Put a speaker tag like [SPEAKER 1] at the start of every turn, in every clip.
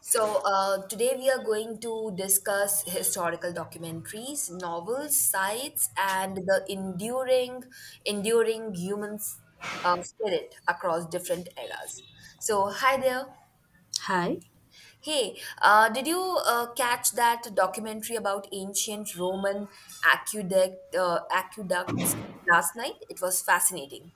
[SPEAKER 1] Today we are going to discuss historical documentaries, novels, sites, and the enduring human spirit across different eras. So, hi there.
[SPEAKER 2] Hi.
[SPEAKER 1] Hey, did you catch that documentary about ancient Roman aqueducts last night? It was fascinating.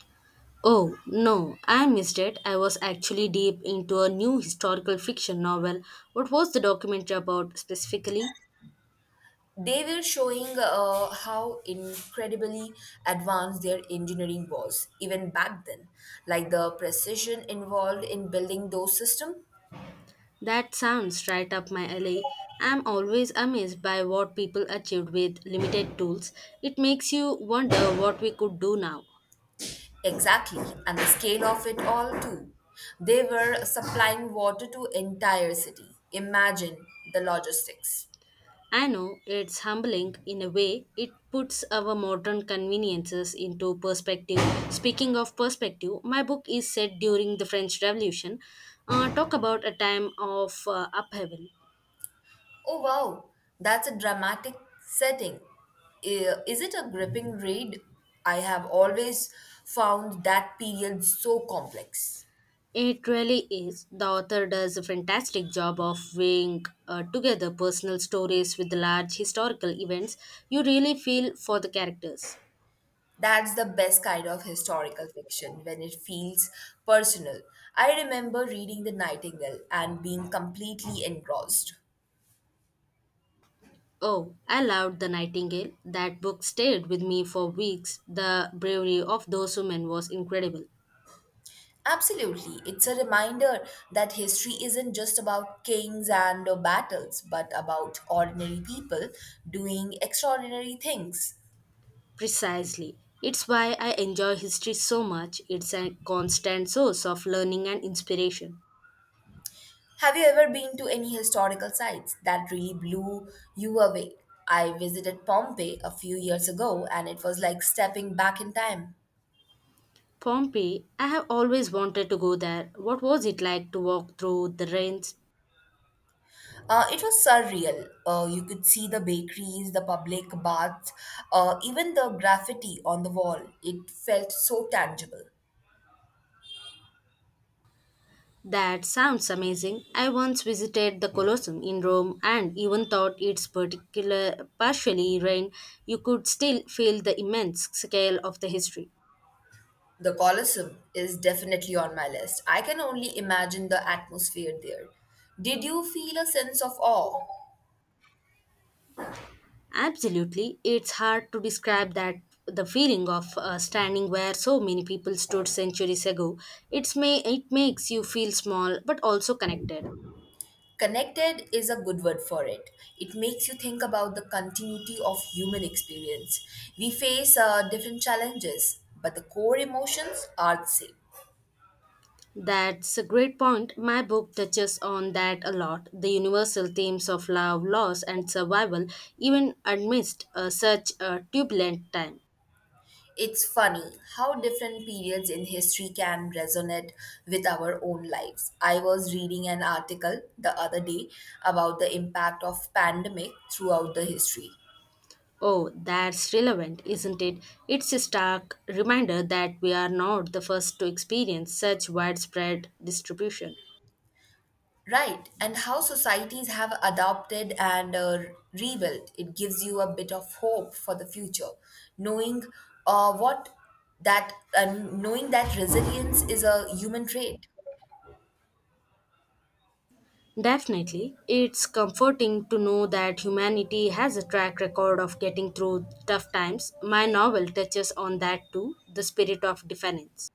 [SPEAKER 2] Oh, no, I missed it. I was actually deep into a new historical fiction novel. What was the documentary about specifically?
[SPEAKER 1] They were showing how incredibly advanced their engineering was, even back then, like the precision involved in building those systems.
[SPEAKER 2] That sounds right up my alley. I'm always amazed by what people achieved with limited tools. It makes you wonder what we could do now.
[SPEAKER 1] Exactly, and the scale of it all, too. They were supplying water to entire city. Imagine the logistics.
[SPEAKER 2] I know it's humbling in a way. It puts our modern conveniences into perspective. Speaking of perspective, my book is set during the French Revolution. Talk about a time of upheaval.
[SPEAKER 1] Oh wow, that's a dramatic setting. Is it a gripping read? I have always found that period so complex.
[SPEAKER 2] It really is. The author does a fantastic job of weighing together personal stories with large historical events. You really feel for the characters.
[SPEAKER 1] That's the best kind of historical fiction when it feels personal. I remember reading The Nightingale and being completely engrossed.
[SPEAKER 2] Oh, I loved The Nightingale. That book stayed with me for weeks. The bravery of those women was incredible.
[SPEAKER 1] Absolutely, it's a reminder that history isn't just about kings and battles, but about ordinary people doing extraordinary things.
[SPEAKER 2] Precisely. It's why I enjoy history so much. It's a constant source of learning and inspiration.
[SPEAKER 1] Have you ever been to any historical sites that really blew you away? I visited Pompeii a few years ago and it was like stepping back in time.
[SPEAKER 2] Pompeii, I have always wanted to go there. What was it like to walk through the ruins?
[SPEAKER 1] It was surreal. You could see the bakeries, the public baths, even the graffiti on the wall. It felt so tangible.
[SPEAKER 2] That sounds amazing. I once visited the Colosseum in Rome and even thought its particular partially rain, you could still feel the immense scale of the history.
[SPEAKER 1] The Colosseum is definitely on my list. I can only imagine the atmosphere there. Did you feel a sense of awe?
[SPEAKER 2] Absolutely. It's hard to describe that the feeling of standing where so many people stood centuries ago. It makes you feel small but also connected.
[SPEAKER 1] Connected is a good word for it. It makes you think about the continuity of human experience. We face different challenges, but the core emotions are the same.
[SPEAKER 2] That's a great point. My book touches on that a lot. The universal themes of love, loss, and survival, even amidst such a turbulent time.
[SPEAKER 1] It's funny how different periods in history can resonate with our own lives. I was reading an article the other day about the impact of pandemic throughout the history.
[SPEAKER 2] Oh, that's relevant, isn't it? It's a stark reminder that we are not the first to experience such widespread distribution.
[SPEAKER 1] Right, and how societies have adopted and rebuilt. It gives you a bit of hope for the future, knowing what that and knowing that resilience is a human trait.
[SPEAKER 2] Definitely, it's comforting to know that humanity has a track record of getting through tough times. My novel touches on that too, the spirit of defiance.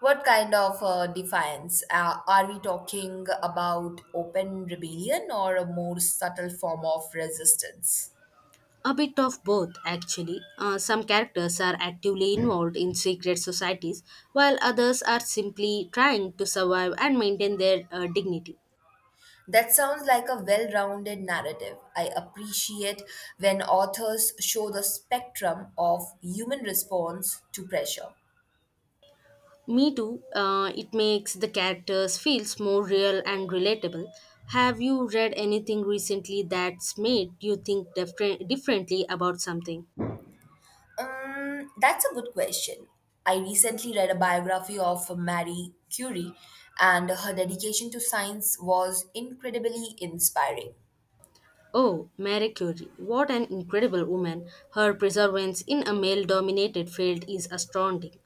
[SPEAKER 1] What kind of defiance? Are we talking about open rebellion or a more subtle form of resistance?
[SPEAKER 2] A bit of both, actually. Some characters are actively involved in secret societies, while others are simply trying to survive and maintain their dignity.
[SPEAKER 1] That sounds like a well rounded narrative. I appreciate when authors show the spectrum of human response to pressure.
[SPEAKER 2] Me too. It makes the characters feels more real and relatable. Have you read anything recently that's made you think differently about something?
[SPEAKER 1] That's a good question. I recently read a biography of Marie Curie, and her dedication to science was incredibly inspiring.
[SPEAKER 2] Oh, Marie Curie. What an incredible woman. Her perseverance in a male dominated field is astounding.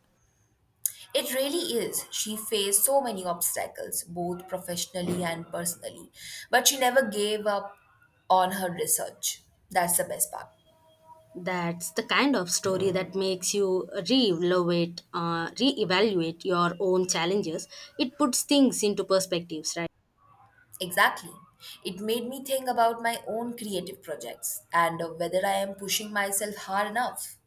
[SPEAKER 1] It really is. She faced so many obstacles, both professionally and personally, but she never gave up on her research. That's the best part.
[SPEAKER 2] That's the kind of story that makes you re-evaluate your own challenges. It puts things into perspectives, right?
[SPEAKER 1] Exactly. It made me think about my own creative projects and whether I am pushing myself hard enough.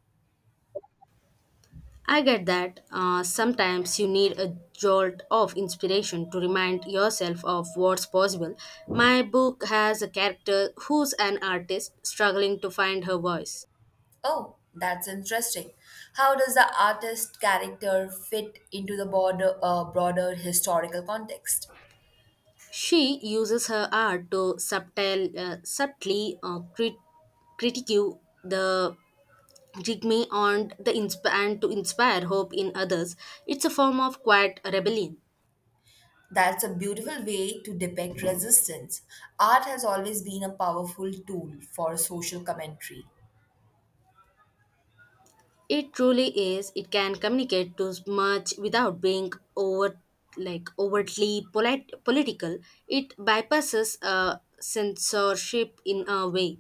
[SPEAKER 2] I get that sometimes you need a jolt of inspiration to remind yourself of what's possible. My book has a character who's an artist struggling to find her voice.
[SPEAKER 1] Oh, that's interesting. How does the artist character fit into the broader historical context?
[SPEAKER 2] She uses her art to subtly critique the regime, and to inspire hope in others. It's a form of quiet rebellion.
[SPEAKER 1] That's a beautiful way to depict resistance. Art has always been a powerful tool for social commentary.
[SPEAKER 2] It truly is. It can communicate too much without being like overtly political. It bypasses censorship in a way.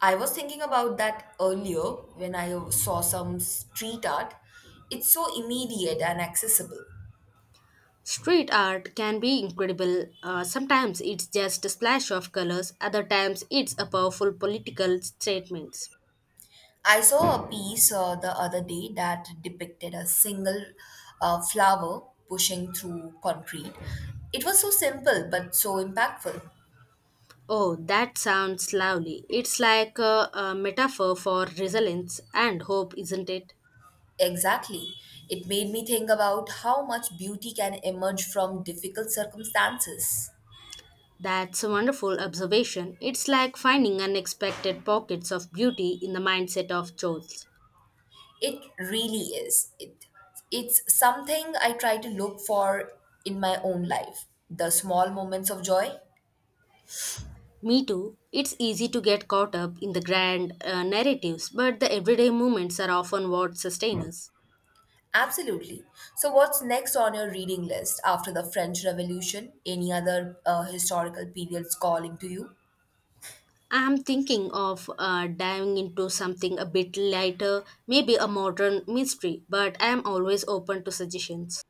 [SPEAKER 1] I was thinking about that earlier when I saw some street art. It's so immediate and accessible.
[SPEAKER 2] Street art can be incredible. Sometimes it's just a splash of colors. Other times it's a powerful political statement.
[SPEAKER 1] I saw a piece the other day that depicted a single flower pushing through concrete. It was so simple but so impactful.
[SPEAKER 2] Oh, that sounds lovely. It's like a metaphor for resilience and hope, isn't it?
[SPEAKER 1] Exactly. It made me think about how much beauty can emerge from difficult circumstances.
[SPEAKER 2] That's a wonderful observation. It's like finding unexpected pockets of beauty in the mindset of Choles.
[SPEAKER 1] It really is. It's something I try to look for in my own life. The small moments of joy?
[SPEAKER 2] Me too. It's easy to get caught up in the grand narratives, but the everyday moments are often what sustain us.
[SPEAKER 1] Absolutely. So, what's next on your reading list after the French Revolution? Any other historical periods calling to you?
[SPEAKER 2] I'm thinking of diving into something a bit lighter, maybe a modern mystery, but I am always open to suggestions.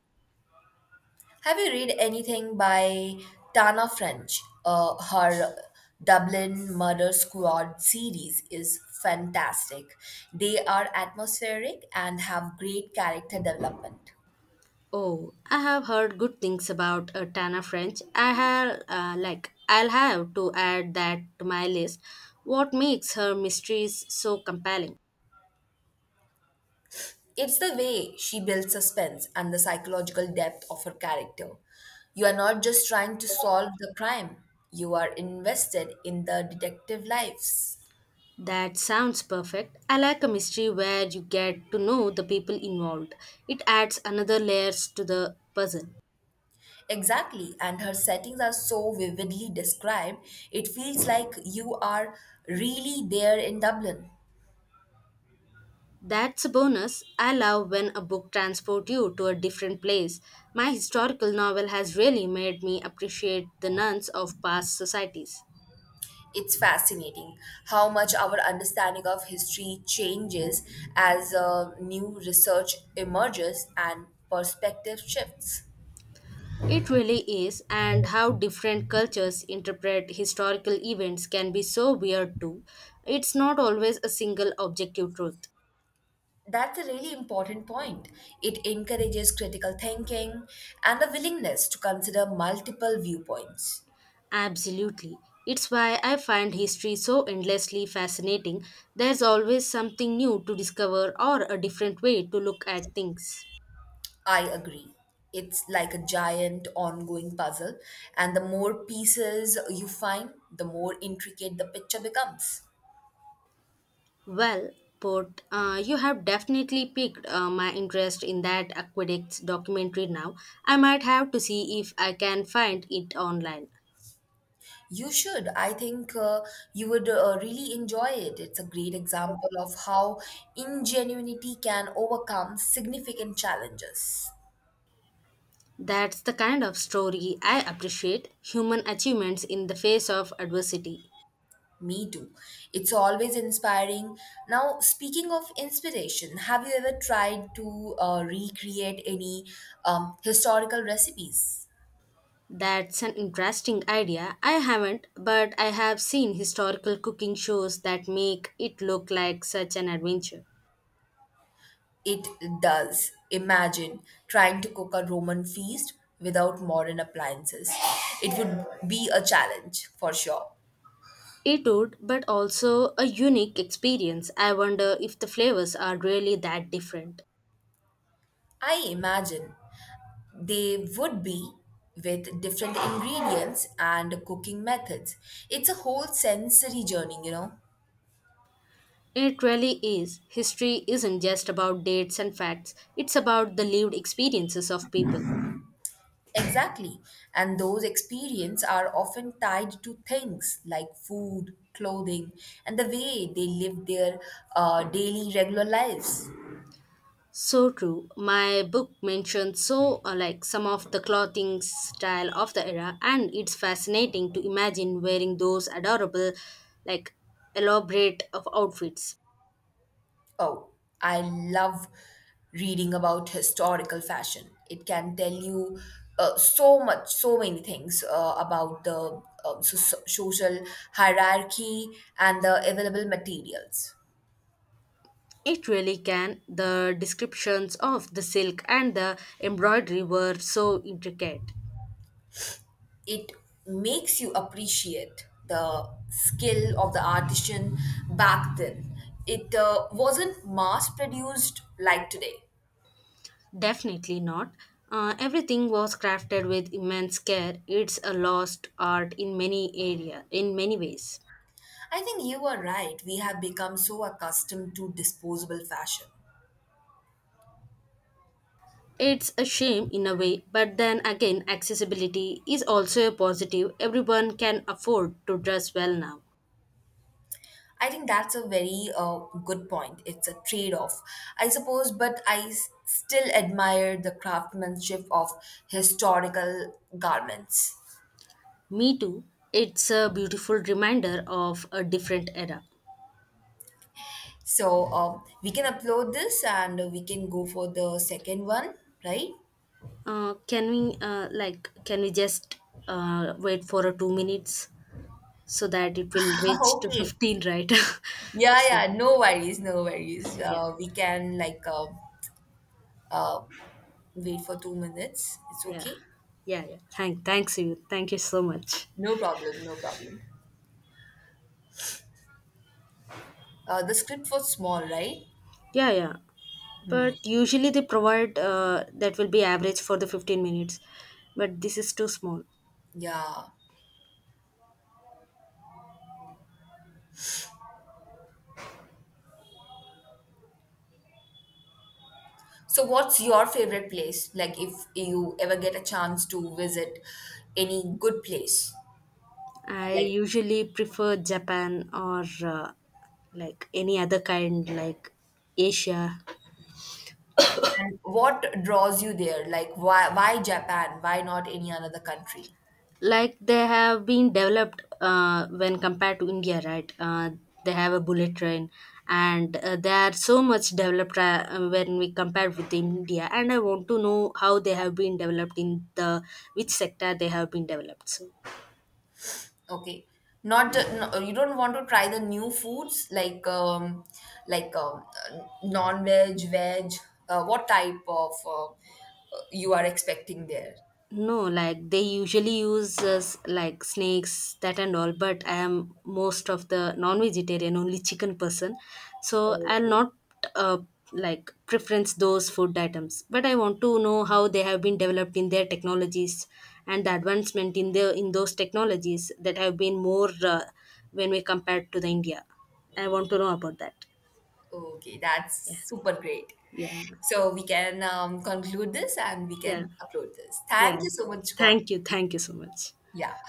[SPEAKER 1] Have you read anything by Tana French? Her Dublin Murder Squad series is fantastic. They are atmospheric and have great character development.
[SPEAKER 2] Oh, I have heard good things about Tana French. I'll have to add that to my list. What makes her mysteries so compelling?
[SPEAKER 1] It's the way she builds suspense and the psychological depth of her character. You are not just trying to solve the crime, you are invested in the detective lives.
[SPEAKER 2] That sounds perfect. I like a mystery where you get to know the people involved. It adds another layers to the puzzle.
[SPEAKER 1] Exactly, and her settings are so vividly described, it feels like you are really there in Dublin.
[SPEAKER 2] That's a bonus. I love when a book transports you to a different place. My historical novel has really made me appreciate the nuns of past societies.
[SPEAKER 1] It's fascinating how much our understanding of history changes as new research emerges and perspective shifts.
[SPEAKER 2] It really is, and how different cultures interpret historical events can be so weird too. It's not always a single objective truth.
[SPEAKER 1] That's a really important point. It encourages critical thinking and a willingness to consider multiple viewpoints.
[SPEAKER 2] Absolutely. It's why I find history so endlessly fascinating. There's always something new to discover or a different way to look at things.
[SPEAKER 1] I agree. It's like a giant ongoing puzzle, and the more pieces you find, the more intricate the picture becomes.
[SPEAKER 2] Well, you have definitely piqued my interest in that aqueducts documentary now. I might have to see if I can find it online.
[SPEAKER 1] You should. I think you would really enjoy it. It's a great example of how ingenuity can overcome significant challenges.
[SPEAKER 2] That's the kind of story I appreciate, human achievements in the face of adversity.
[SPEAKER 1] Me too. It's always inspiring. Now, speaking of inspiration, have you ever tried to recreate any historical recipes?
[SPEAKER 2] That's an interesting idea. I haven't, but I have seen historical cooking shows that make it look like such an adventure.
[SPEAKER 1] It does. Imagine trying to cook a Roman feast without modern appliances. It would be a challenge for sure.
[SPEAKER 2] It would, but also a unique experience. I wonder if the flavors are really that different.
[SPEAKER 1] I imagine they would be with different ingredients and cooking methods. It's a whole sensory journey, you know.
[SPEAKER 2] It really is. History isn't just about dates and facts, it's about the lived experiences of people.
[SPEAKER 1] Exactly. And those experiences are often tied to things like food, clothing, and the way they live their daily regular lives.
[SPEAKER 2] So true. My book mentions so like some of the clothing style of the era, and it's fascinating to imagine wearing those adorable, like elaborate of outfits.
[SPEAKER 1] Oh, I love reading about historical fashion. It can tell you so many things about the social hierarchy and the available materials.
[SPEAKER 2] It really can. The descriptions of the silk and the embroidery were so intricate.
[SPEAKER 1] It makes you appreciate the skill of the artisan back then. It wasn't mass produced like today.
[SPEAKER 2] Definitely not. Everything was crafted with immense care. It's a lost art in many area, in many ways.
[SPEAKER 1] I think you are right. We have become so accustomed to disposable fashion.
[SPEAKER 2] It's a shame in a way, but then again, accessibility is also a positive. Everyone can afford to dress well now.
[SPEAKER 1] I think that's a very good point. It's a trade off, I suppose, but still admire the craftsmanship of historical garments.
[SPEAKER 2] Me too. It's a beautiful reminder of a different era.
[SPEAKER 1] So we can upload this and we can go for the second one, right?
[SPEAKER 2] Can we just wait for a 2 minutes so that it will reach to
[SPEAKER 1] Okay.
[SPEAKER 2] 15, right?
[SPEAKER 1] Yeah,
[SPEAKER 2] So
[SPEAKER 1] yeah, no worries, no worries.
[SPEAKER 2] yeah,
[SPEAKER 1] We can like uh, wait for 2 minutes. It's
[SPEAKER 2] yeah,
[SPEAKER 1] okay.
[SPEAKER 2] yeah, yeah, thank you so much.
[SPEAKER 1] No problem, no problem. The script was small, right?
[SPEAKER 2] Yeah, yeah, but usually they provide that will be average for the 15 minutes, but this is too small.
[SPEAKER 1] Yeah. So, what's your favorite place? Like, if you ever get a chance to visit any good place,
[SPEAKER 2] I
[SPEAKER 1] like,
[SPEAKER 2] usually prefer Japan or like any other kind, like Asia.
[SPEAKER 1] and what draws you there? Like, why Japan? Why not any another country?
[SPEAKER 2] Like they have been developed when compared to India, right? They have a bullet train, and they are so much developed when we compare with India. And I want to know how they have been developed in the which sector they have been developed, so.
[SPEAKER 1] Okay, not the- no, you don't want to try the new foods like like um, non veg, veg. What type of you are expecting there?
[SPEAKER 2] No, like they usually use like snakes, that and all, but I am most of the non-vegetarian, only chicken person. So I'll
[SPEAKER 1] Okay.
[SPEAKER 2] not uh, like preference those food items. But I want to know how they have been developed in their technologies, and the advancement in the in those technologies that have been more when we compare to the India. I want to know about that.
[SPEAKER 1] Okay,
[SPEAKER 2] Yeah,
[SPEAKER 1] that's super great.
[SPEAKER 2] yeah,
[SPEAKER 1] So we can conclude this and we
[SPEAKER 2] yeah,
[SPEAKER 1] can upload this.
[SPEAKER 2] yeah.
[SPEAKER 1] Thank you so much, Gautam.
[SPEAKER 2] Thank you so much.
[SPEAKER 1] Yeah.